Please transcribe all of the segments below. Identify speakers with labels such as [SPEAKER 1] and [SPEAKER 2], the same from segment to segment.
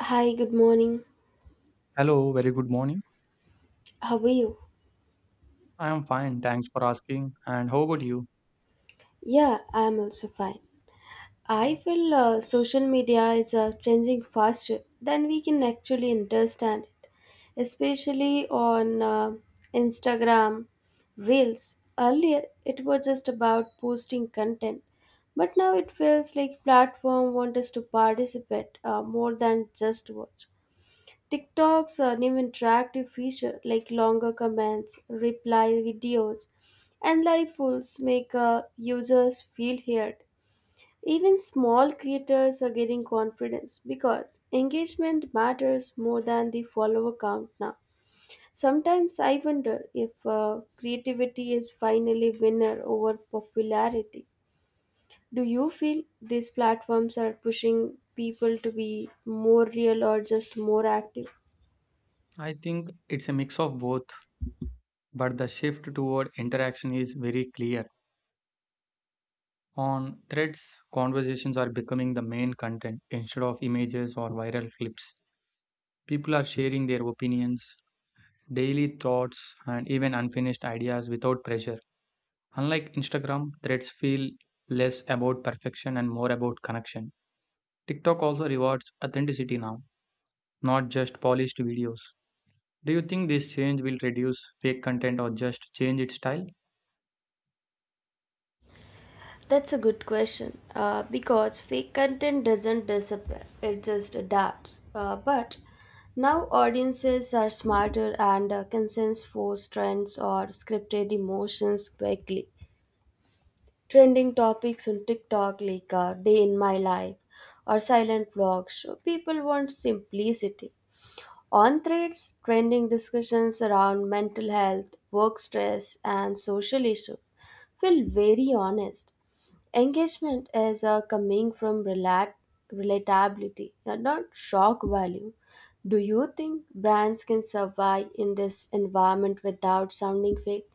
[SPEAKER 1] Hi, good morning.
[SPEAKER 2] Hello, very good morning.
[SPEAKER 1] How are you?
[SPEAKER 2] I am fine, thanks for asking. And how about you?
[SPEAKER 1] Yeah, I'm also fine. I feel social media is changing faster than we can actually understand, it. Especially on Instagram, Reels. Earlier, it was just about posting content, but now it feels like platform want us to participate more than just watch. TikTok's new interactive feature like longer comments, reply videos, and live polls make users feel heard. Even small creators are getting confidence because engagement matters more than the follower count now. Sometimes I wonder if creativity is finally winner over popularity. Do you feel these platforms are pushing people to be more real or just more active?
[SPEAKER 2] I think it's a mix of both, but the shift toward interaction is very clear. On threads, conversations are becoming the main content instead of images or viral clips. People are sharing their opinions, daily thoughts, and even unfinished ideas without pressure. Unlike Instagram, threads feel less about perfection and more about connection. TikTok also rewards authenticity now, not just polished videos. Do you think this change will reduce fake content or just change its style?
[SPEAKER 1] That's a good question. Because fake content doesn't disappear, it just adapts. But now audiences are smarter and can sense forced trends or scripted emotions quickly. Trending topics on TikTok like Day in My Life or silent vlogs show people want simplicity. On threads, trending discussions around mental health, work stress, and social issues feel very honest. Engagement is coming from relatability, and not shock value. Do you think brands can survive in this environment without sounding fake?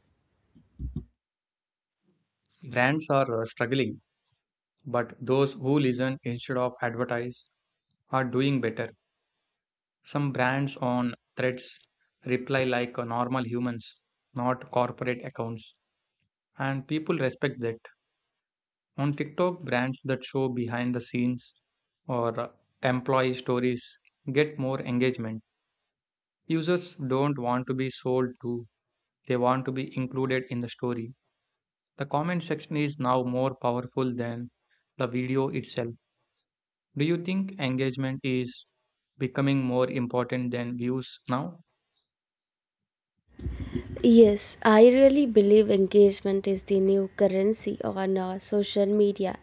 [SPEAKER 2] Brands are struggling, but those who listen instead of advertise are doing better. Some brands on threads reply like normal humans, not corporate accounts, and people respect that. On TikTok, brands that show behind the scenes or employee stories get more engagement. Users don't want to be sold to, they want to be included in the story. The comment section is now more powerful than the video itself. Do you think engagement is becoming more important than views now?
[SPEAKER 1] Yes, I really believe engagement is the new currency on social media.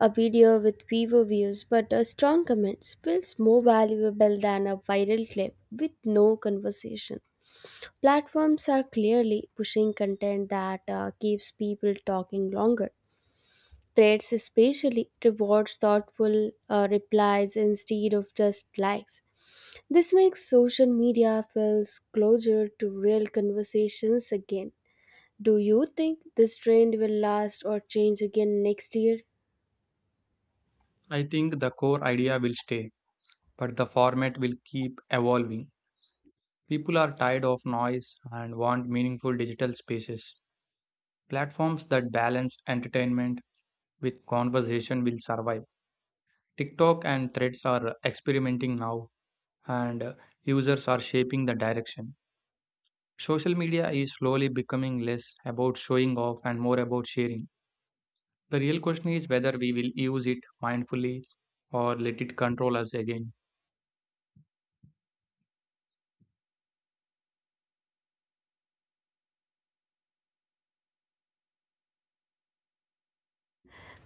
[SPEAKER 1] A video with fewer views but a strong comment feels more valuable than a viral clip with no conversation. Platforms are clearly pushing content that keeps people talking longer. Threads especially rewards thoughtful replies instead of just likes. This makes social media feels closer to real conversations again. Do you think this trend will last or change again next year?
[SPEAKER 2] I think the core idea will stay, but the format will keep evolving. People are tired of noise and want meaningful digital spaces. Platforms that balance entertainment with conversation will survive. TikTok and Threads are experimenting now, and users are shaping the direction. Social media is slowly becoming less about showing off and more about sharing. The real question is whether we will use it mindfully or let it control us again.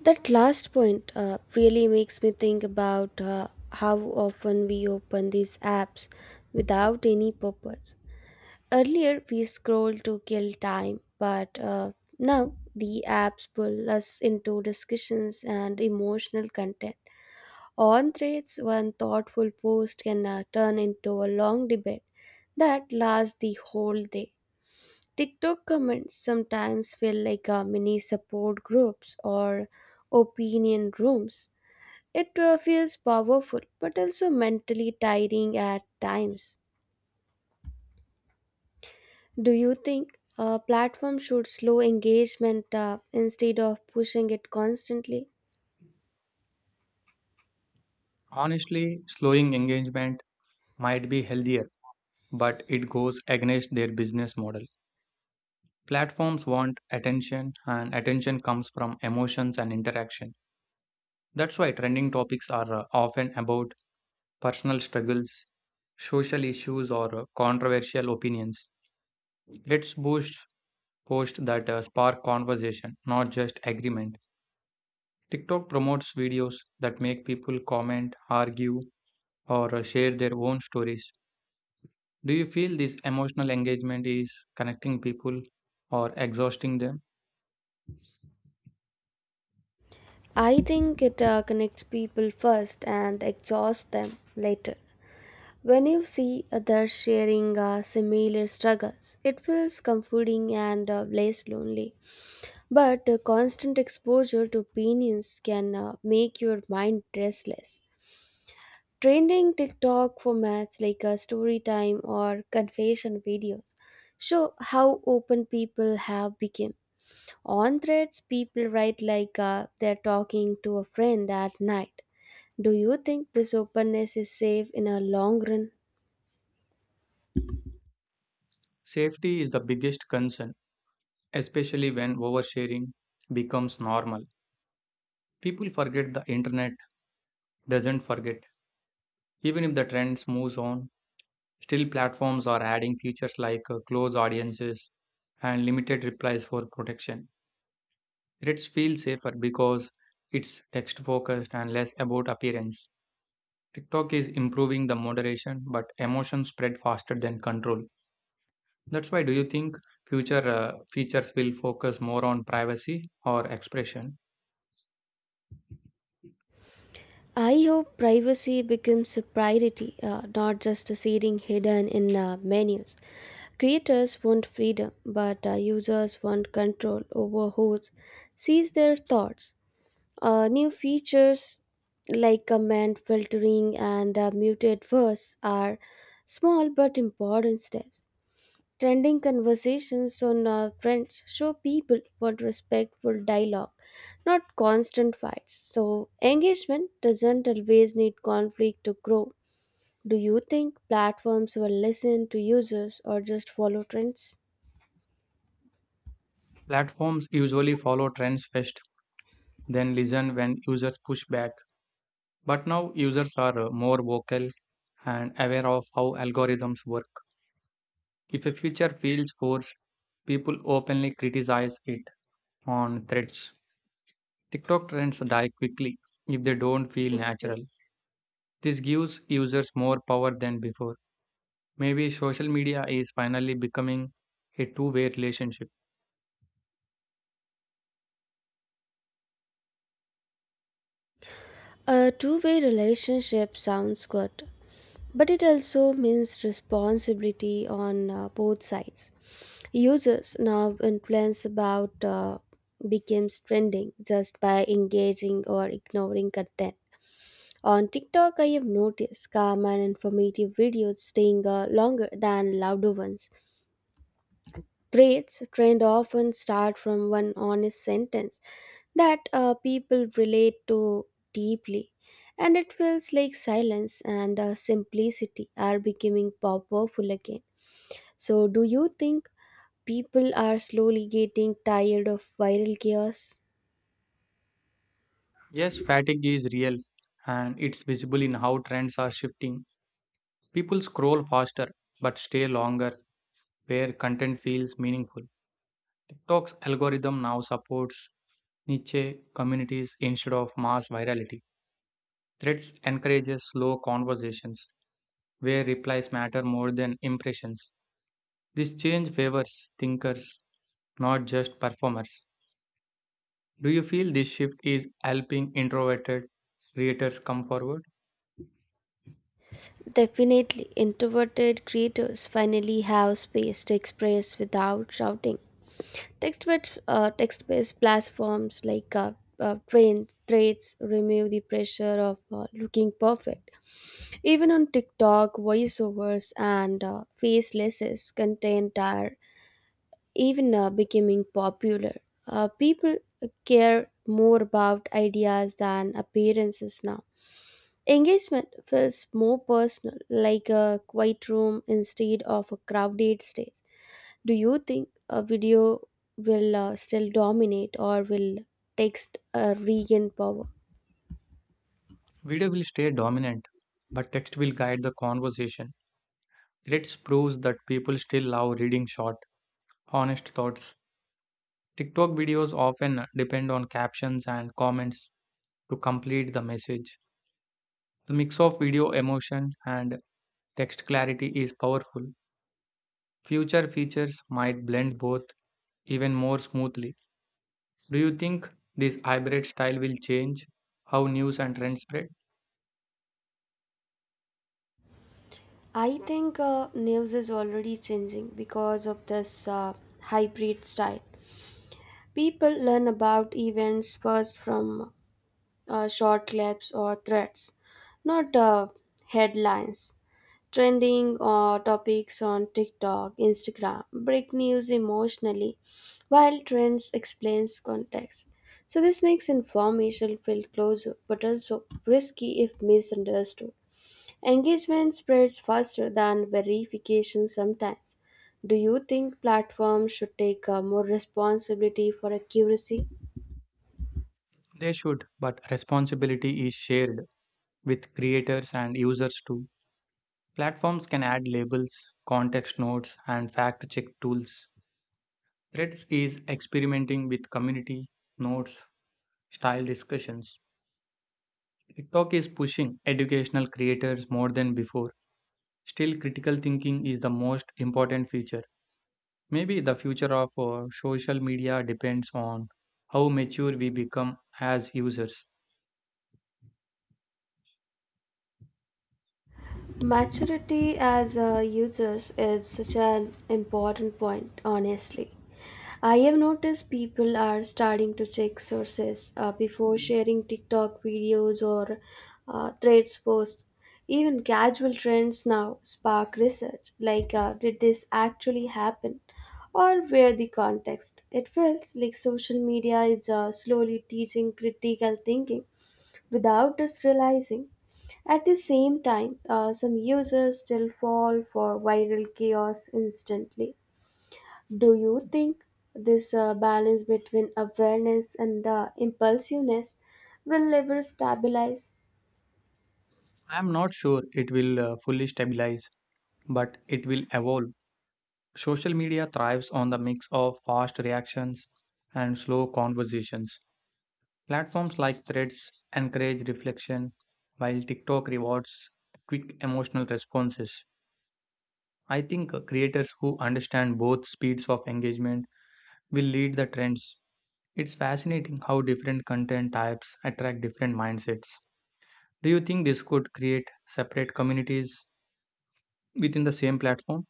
[SPEAKER 1] That last point really makes me think about how often we open these apps without any purpose. Earlier, we scrolled to kill time, but now the apps pull us into discussions and emotional content. On threads, one thoughtful post can turn into a long debate that lasts the whole day. TikTok comments sometimes feel like mini support groups or opinion rooms. It feels powerful but also mentally tiring at times. Do you think a platform should slow engagement instead of pushing it constantly?
[SPEAKER 2] Honestly, slowing engagement might be healthier, but it goes against their business model. Platforms want attention, and attention comes from emotions and interaction. That's why trending topics are often about personal struggles, social issues, or controversial opinions. Let's boost posts that spark conversation, not just agreement. TikTok promotes videos that make people comment, argue, or share their own stories. Do you feel this emotional engagement is connecting people or exhausting them?
[SPEAKER 1] I think it connects people first and exhausts them later. When you see others sharing similar struggles, it feels comforting and less lonely. But constant exposure to opinions can make your mind restless. Trending TikTok formats like a story time or confession videos show how open people have become. On threads, people write like they're talking to a friend at night. Do you think this openness is safe in a long run?
[SPEAKER 2] Safety is the biggest concern, especially when oversharing becomes normal. People forget the internet doesn't forget. Even if the trends moves on, still platforms are adding features like close audiences and limited replies for protection. Threads feel safer because it's text focused and less about appearance. TikTok is improving the moderation, but emotions spread faster than control. That's why do you think future features will focus more on privacy or expression?
[SPEAKER 1] I hope privacy becomes a priority, not just a setting hidden in menus. Creators want freedom, but users want control over who sees their thoughts. New features like comment filtering and muted verse are small but important steps. Trending conversations on trends show people want respectful dialogue, not constant fights. So, engagement doesn't always need conflict to grow. Do you think platforms will listen to users or just follow trends?
[SPEAKER 2] Platforms usually follow trends first, then listen when users push back. But now users are more vocal and aware of how algorithms work. If a feature feels forced, people openly criticize it on threads. TikTok trends die quickly if they don't feel natural. This gives users more power than before. Maybe social media is finally becoming a two-way relationship.
[SPEAKER 1] A two-way relationship sounds good, but it also means responsibility on both sides. Users now influence about becomes trending just by engaging or ignoring content. On TikTok, I have noticed calm and informative videos staying longer than louder ones. Threads trend often start from one honest sentence that people relate to deeply. And it feels like silence and simplicity are becoming powerful again. So, do you think people are slowly getting tired of viral chaos?
[SPEAKER 2] Yes, fatigue is real and it's visible in how trends are shifting. People scroll faster but stay longer where content feels meaningful. TikTok's algorithm now supports niche communities instead of mass virality. Threads encourages slow conversations where replies matter more than impressions. This change favors thinkers, not just performers. Do you feel this shift is helping introverted creators come forward?
[SPEAKER 1] Definitely, introverted creators finally have space to express without shouting. Text-based platforms like Trend, Threads remove the pressure of looking perfect. Even on TikTok, voiceovers and facelesses content are even becoming popular. People care more about ideas than appearances now. Engagement feels more personal, like a quiet room instead of a crowded stage. Do you think a video will still dominate or will text regain power?
[SPEAKER 2] Video will stay dominant, but text will guide the conversation. Let's prove that people still love reading short, honest thoughts. TikTok videos often depend on captions and comments to complete the message. The mix of video emotion and text clarity is powerful. Future features might blend both even more smoothly. Do you think this hybrid style will change how news and trends spread?
[SPEAKER 1] I think news is already changing because of this hybrid style. People learn about events first from short clips or threads, not headlines. Trending topics on TikTok, Instagram break news emotionally, while trends explains context. So this makes information feel closer, but also risky if misunderstood. Engagement spreads faster than verification sometimes. Do you think platforms should take more responsibility for accuracy?
[SPEAKER 2] They should, but responsibility is shared with creators and users too. Platforms can add labels, context notes, and fact check tools. Threads is experimenting with community notes, style discussions. TikTok is pushing educational creators more than before. Still, critical thinking is the most important feature. Maybe the future of social media depends on how mature we become as users.
[SPEAKER 1] Maturity as users is such an important point, honestly. I have noticed people are starting to check sources before sharing TikTok videos or threads posts. Even casual trends now spark research like, did this actually happen? Or where the context? It feels like social media is slowly teaching critical thinking without us realizing. At the same time, some users still fall for viral chaos instantly. Do you think this balance between awareness and impulsiveness will ever stabilize?
[SPEAKER 2] I'm not sure it will fully stabilize, but it will evolve. Social media thrives on the mix of fast reactions and slow conversations. Platforms like Threads encourage reflection, while TikTok rewards quick emotional responses. I think creators who understand both speeds of engagement will lead the trends. It's fascinating how different content types attract different mindsets. Do you think this could create separate communities within the same platform?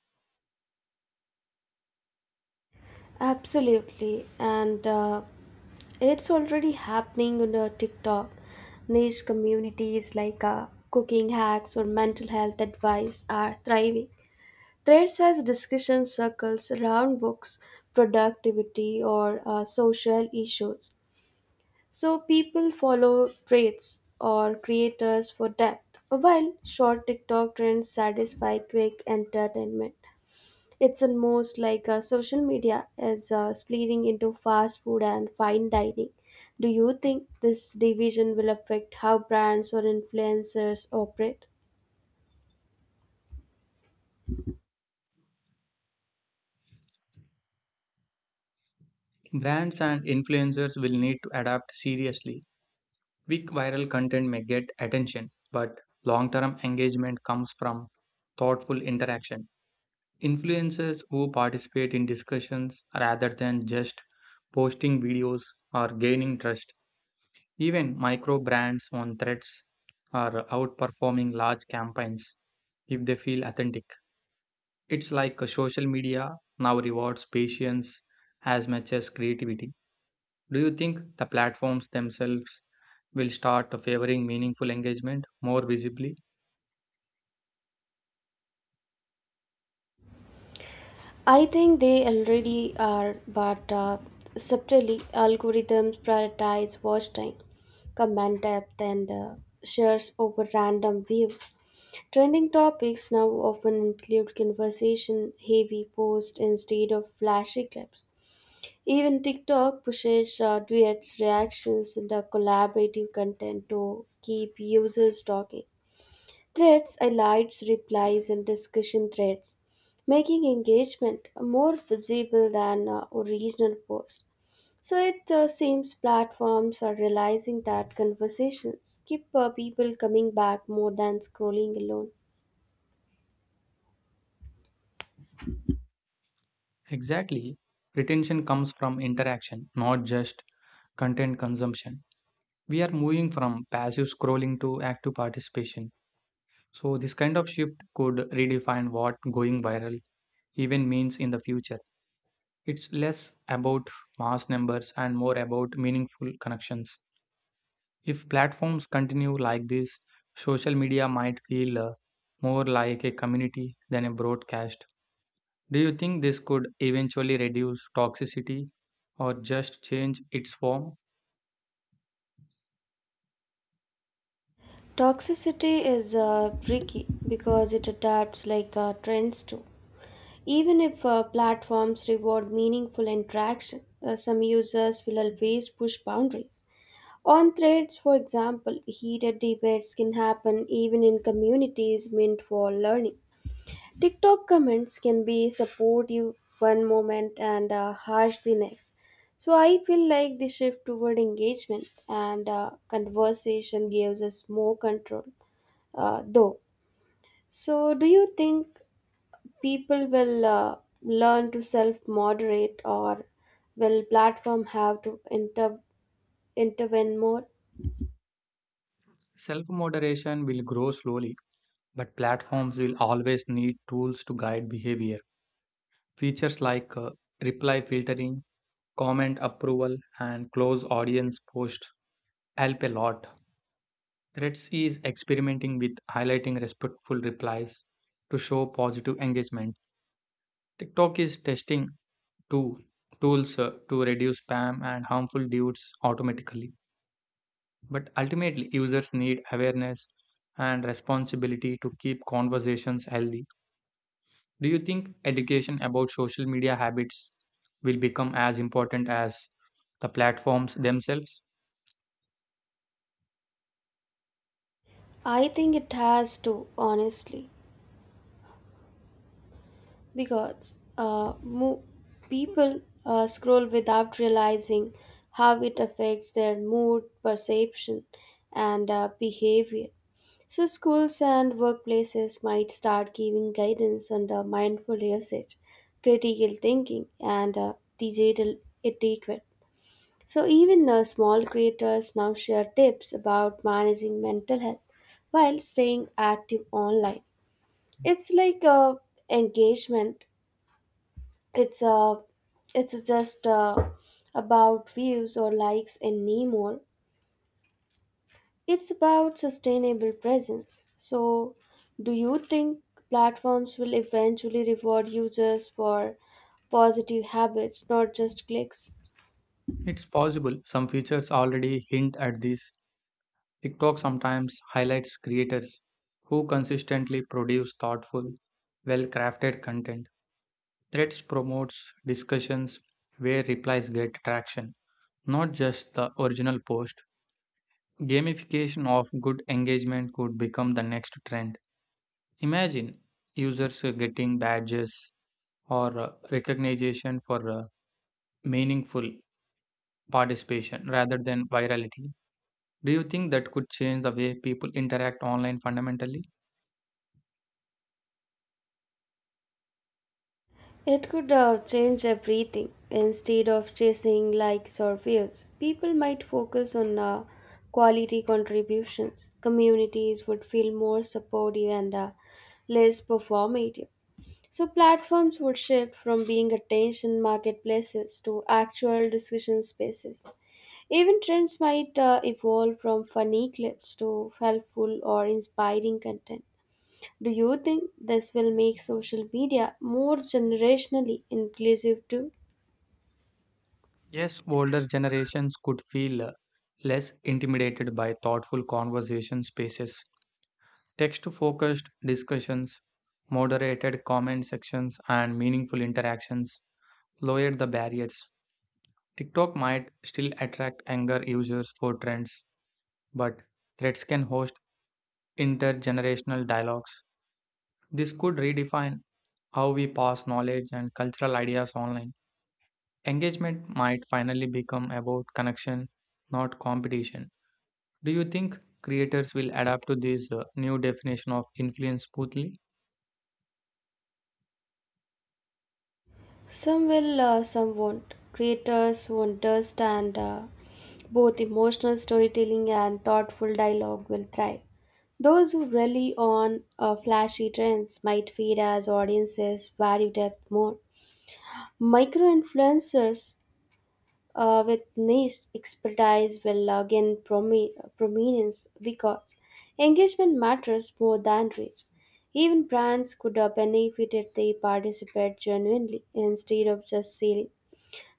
[SPEAKER 1] Absolutely, and it's already happening on TikTok. Niche communities like cooking hacks or mental health advice are thriving. Threads as discussion circles around books, productivity, or social issues. So people follow threads or creators for depth, while short TikTok trends satisfy quick entertainment. It's almost like social media is splitting into fast food and fine dining. Do you think this division will affect how brands or influencers operate?
[SPEAKER 2] Brands and influencers will need to adapt seriously. Quick viral content may get attention, but long term engagement comes from thoughtful interaction. Influencers who participate in discussions rather than just posting videos are gaining trust. Even micro brands on threads are outperforming large campaigns if they feel authentic. It's like a social media now rewards patience as much as creativity. Do you think the platforms themselves will start favoring meaningful engagement more visibly?
[SPEAKER 1] I think they already are, but subtly, algorithms prioritize watch time, comment depth, and shares over random view. Trending topics now often include conversation heavy posts instead of flashy clips. Even TikTok pushes duets, reactions, and collaborative content to keep users talking. Threads highlights replies and discussion threads, making engagement more visible than original posts. So it seems platforms are realizing that conversations keep people coming back more than scrolling alone.
[SPEAKER 2] Exactly. Retention comes from interaction, not just content consumption. We are moving from passive scrolling to active participation. So, this kind of shift could redefine what going viral even means in the future. It's less about mass numbers and more about meaningful connections. If platforms continue like this, social media might feel more like a community than a broadcast. Do you think this could eventually reduce toxicity or just change its form?
[SPEAKER 1] Toxicity is tricky because it adapts like trends too. Even if platforms reward meaningful interaction, some users will always push boundaries. On threads, for example, heated debates can happen even in communities meant for learning. TikTok comments can be supportive one moment and harsh the next. So I feel like the shift toward engagement and conversation gives us more control, though. So do you think people will learn to self-moderate, or will platform have to intervene more?
[SPEAKER 2] Self moderation will grow slowly, but platforms will always need tools to guide behavior. Features like reply filtering, comment approval and close audience posts help a lot. Threads is experimenting with highlighting respectful replies to show positive engagement. TikTok is testing two tools to reduce spam and harmful dudes automatically. But ultimately, users need awareness and responsibility to keep conversations healthy. Do you think education about social media habits will become as important as the platforms themselves?
[SPEAKER 1] I think it has to, honestly, because people scroll without realizing how it affects their mood, perception, and behavior. So, schools and workplaces might start giving guidance on the mindful usage, critical thinking, and digital etiquette. So, even small creators now share tips about managing mental health while staying active online. It's like a engagement it's a it's just about views or likes and anymore it's about sustainable presence. So do you think platforms will eventually reward users for positive habits not just clicks?
[SPEAKER 2] It's possible some features already hint at this. TikTok sometimes highlights creators who consistently produce thoughtful, well crafted content. Threads promotes discussions where replies get traction, not just the original post. Gamification of good engagement could become the next trend. Imagine users getting badges or recognition for meaningful participation rather than virality. Do you think that could change the way people interact online fundamentally?
[SPEAKER 1] It could change everything. Instead of chasing likes or views, people might focus on quality contributions. Communities would feel more supportive and less performative. So, platforms would shift from being attention marketplaces to actual discussion spaces. Even trends might evolve from funny clips to helpful or inspiring content. Do you think this will make social media more generationally inclusive too?
[SPEAKER 2] Yes, older generations could feel less intimidated by thoughtful conversation spaces. Text focused discussions, moderated comment sections, and meaningful interactions lowered the barriers. TikTok might still attract younger users for trends, but threads can host intergenerational dialogues. This could redefine how we pass knowledge and cultural ideas online. Engagement might finally become about connection, not competition. Do you think creators will adapt to this new definition of influence smoothly?
[SPEAKER 1] Some will, some won't. Creators who understand both emotional storytelling and thoughtful dialogue will thrive. Those who rely on flashy trends might fade as audiences value depth more. Micro influencers with niche expertise will gain prominence because engagement matters more than reach. Even brands could benefit if they participate genuinely instead of just selling.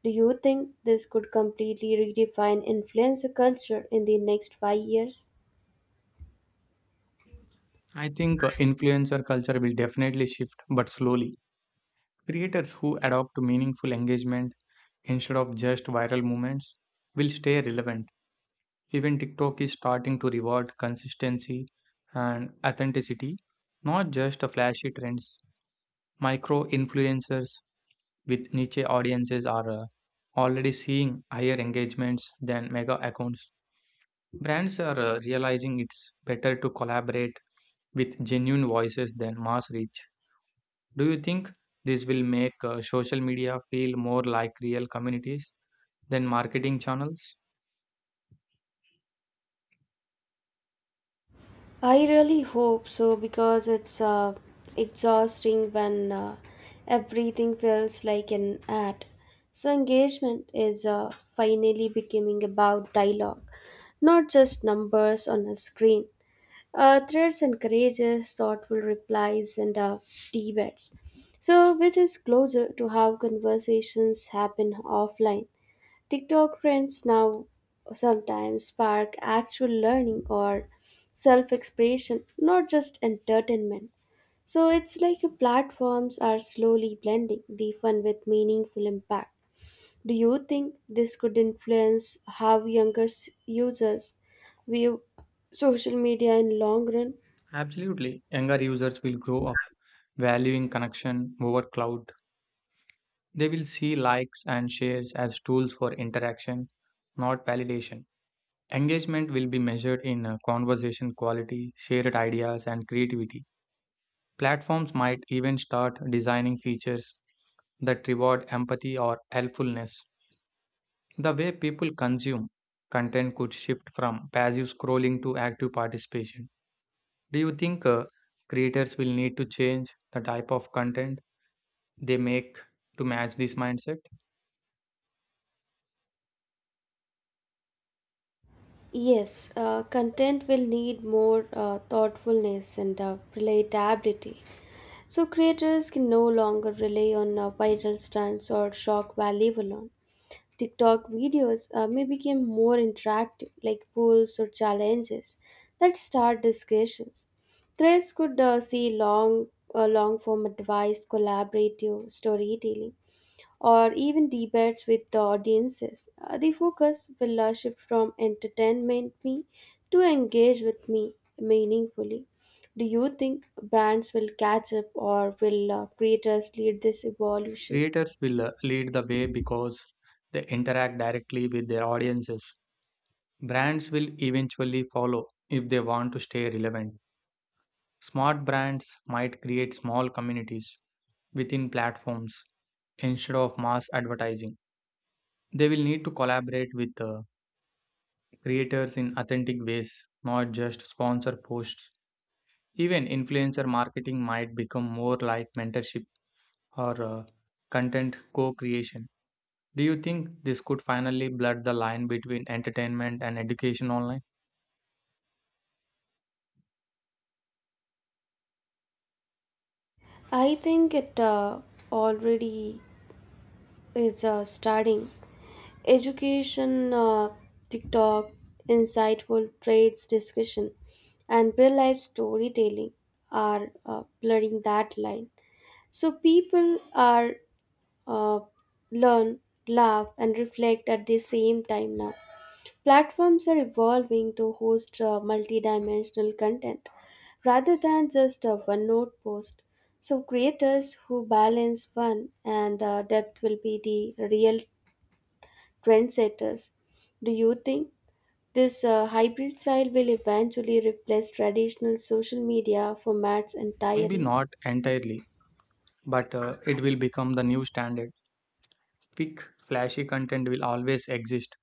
[SPEAKER 1] Do you think this could completely redefine influencer culture in the next 5 years?
[SPEAKER 2] I think influencer culture will definitely shift, but slowly. Creators who adopt to meaningful engagement instead of just viral movements will stay relevant. Even TikTok is starting to reward consistency and authenticity, not just flashy trends. Micro influencers with niche audiences are already seeing higher engagements than mega accounts. Brands are realizing it's better to collaborate with genuine voices than mass reach. Do you think this will make social media feel more like real communities than marketing channels?
[SPEAKER 1] I really hope so because it's exhausting when everything feels like an ad. So, engagement is finally becoming about dialogue, not just numbers on a screen. Threads encourages thoughtful replies and debates, so which is closer to how conversations happen offline. TikTok trends now sometimes spark actual learning or self expression, not just entertainment. So it's like platforms are slowly blending the fun with meaningful impact. Do you think this could influence how users view social media in long run?
[SPEAKER 2] Absolutely. Younger users will grow up valuing connection over cloud. They will see likes and shares as tools for interaction, not validation. Engagement will be measured in conversation quality, shared ideas, and creativity. Platforms might even start designing features that reward empathy or helpfulness. The way people consume content could shift from passive scrolling to active participation. Do you think creators will need to change the type of content they make to match this mindset?
[SPEAKER 1] Yes, content will need more thoughtfulness and relatability. So creators can no longer rely on viral stunts or shock value alone. TikTok videos may become more interactive, like polls or challenges that start discussions. Threads could see long form advice, collaborative storytelling, or even debates with the audiences. The focus will shift from entertainment me to engage with me meaningfully. Do you think brands will catch up or will creators lead this evolution?
[SPEAKER 2] Creators will lead the way because they interact directly with their audiences. Brands will eventually follow if they want to stay relevant. Smart brands might create small communities within platforms instead of mass advertising. They will need to collaborate with creators in authentic ways, not just sponsor posts. Even influencer marketing might become more like mentorship or content co creation. Do you think this could finally blur the line between entertainment and education online?
[SPEAKER 1] I think it already is starting. Education, TikTok, insightful trades discussion, and real life storytelling are blurring that line. So people are uh, learn, laugh, and reflect at the same time now. Platforms are evolving to host multidimensional content rather than just a one note post. So, creators who balance fun and depth will be the real trendsetters. Do you think this hybrid style will eventually replace traditional social media formats
[SPEAKER 2] Maybe
[SPEAKER 1] entirely?
[SPEAKER 2] not entirely but it will become the new standard. Quick, flashy content will always exist,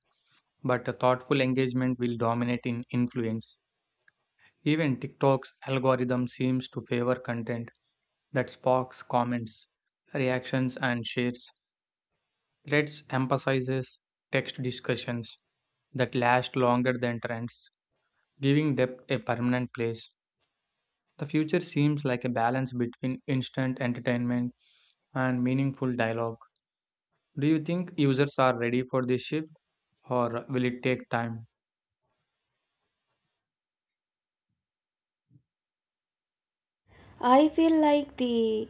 [SPEAKER 2] but a thoughtful engagement will dominate in influence. Even TikTok's algorithm seems to favor content that sparks comments, reactions, and shares. Threads emphasizes text discussions that last longer than trends, giving depth a permanent place. The future seems like a balance between instant entertainment and meaningful dialogue. Do you think users are ready for this shift or will it take time?
[SPEAKER 1] I feel like the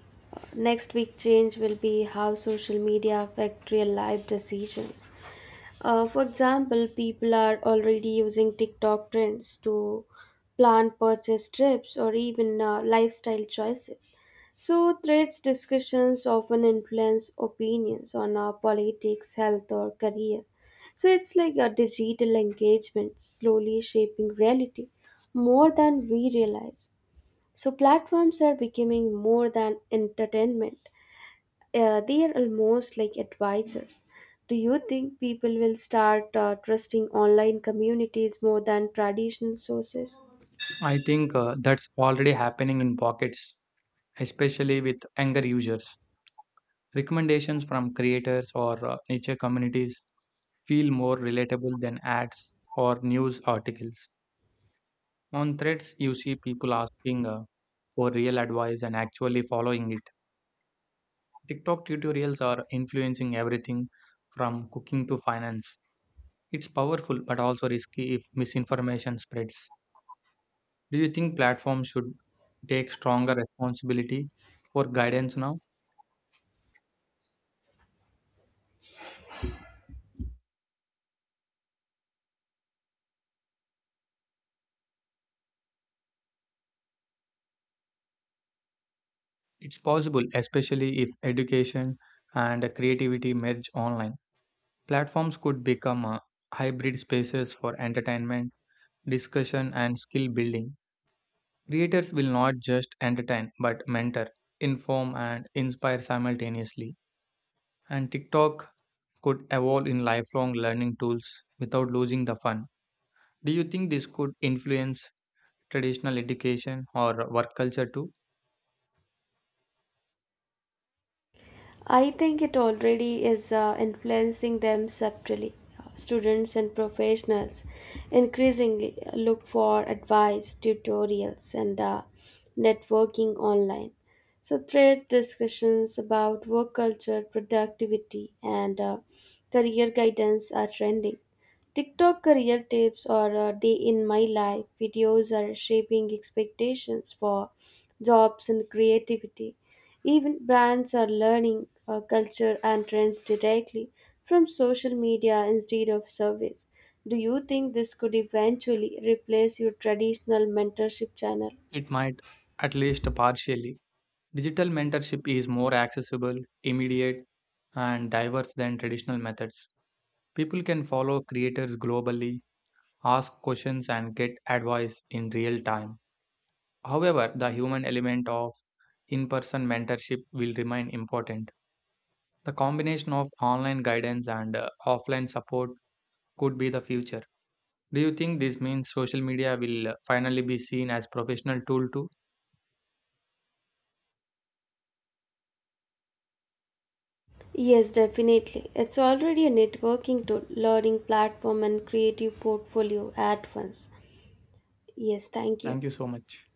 [SPEAKER 1] next big change will be how social media affect real life decisions. For example, people are already using TikTok trends to plan purchase trips or even lifestyle choices. So, threads discussions often influence opinions on our politics, health, or career. So, it's like a digital engagement slowly shaping reality more than we realize. So platforms are becoming more than entertainment. They are almost like advisors. Do you think people will start trusting online communities more than traditional sources?
[SPEAKER 2] I think that's already happening in pockets, especially with younger users. Recommendations from creators or niche communities feel more relatable than ads or news articles. On threads, you see people asking for real advice and actually following it. TikTok tutorials are influencing everything from cooking to finance. It's powerful but also risky if misinformation spreads. Do you think platforms should take stronger responsibility for guidance now? It's possible, especially if education and creativity merge online. Platforms could become hybrid spaces for entertainment, discussion, and skill building. Creators will not just entertain but mentor, inform, and inspire simultaneously. And TikTok could evolve in lifelong learning tools without losing the fun. Do you think this could influence traditional education or work culture too?
[SPEAKER 1] I think it already is influencing them subtly. Students and professionals increasingly look for advice, tutorials, and networking online. So, thread discussions about work culture, productivity, and career guidance are trending. TikTok career tips or a day in my life videos are shaping expectations for jobs and creativity. Even brands are learning culture and trends directly from social media instead of surveys. Do you think this could eventually replace your traditional mentorship channel?
[SPEAKER 2] It might, at least partially. Digital mentorship is more accessible, immediate, and diverse than traditional methods. People can follow creators globally, ask questions, and get advice in real time. However, the human element of in person mentorship will remain important. The combination of online guidance and offline support could be the future. Do you think this means social media will finally be seen as professional tool too?
[SPEAKER 1] Yes, definitely. It's already a networking tool, learning platform, and creative portfolio at once. Yes, thank you.
[SPEAKER 2] Thank you so much.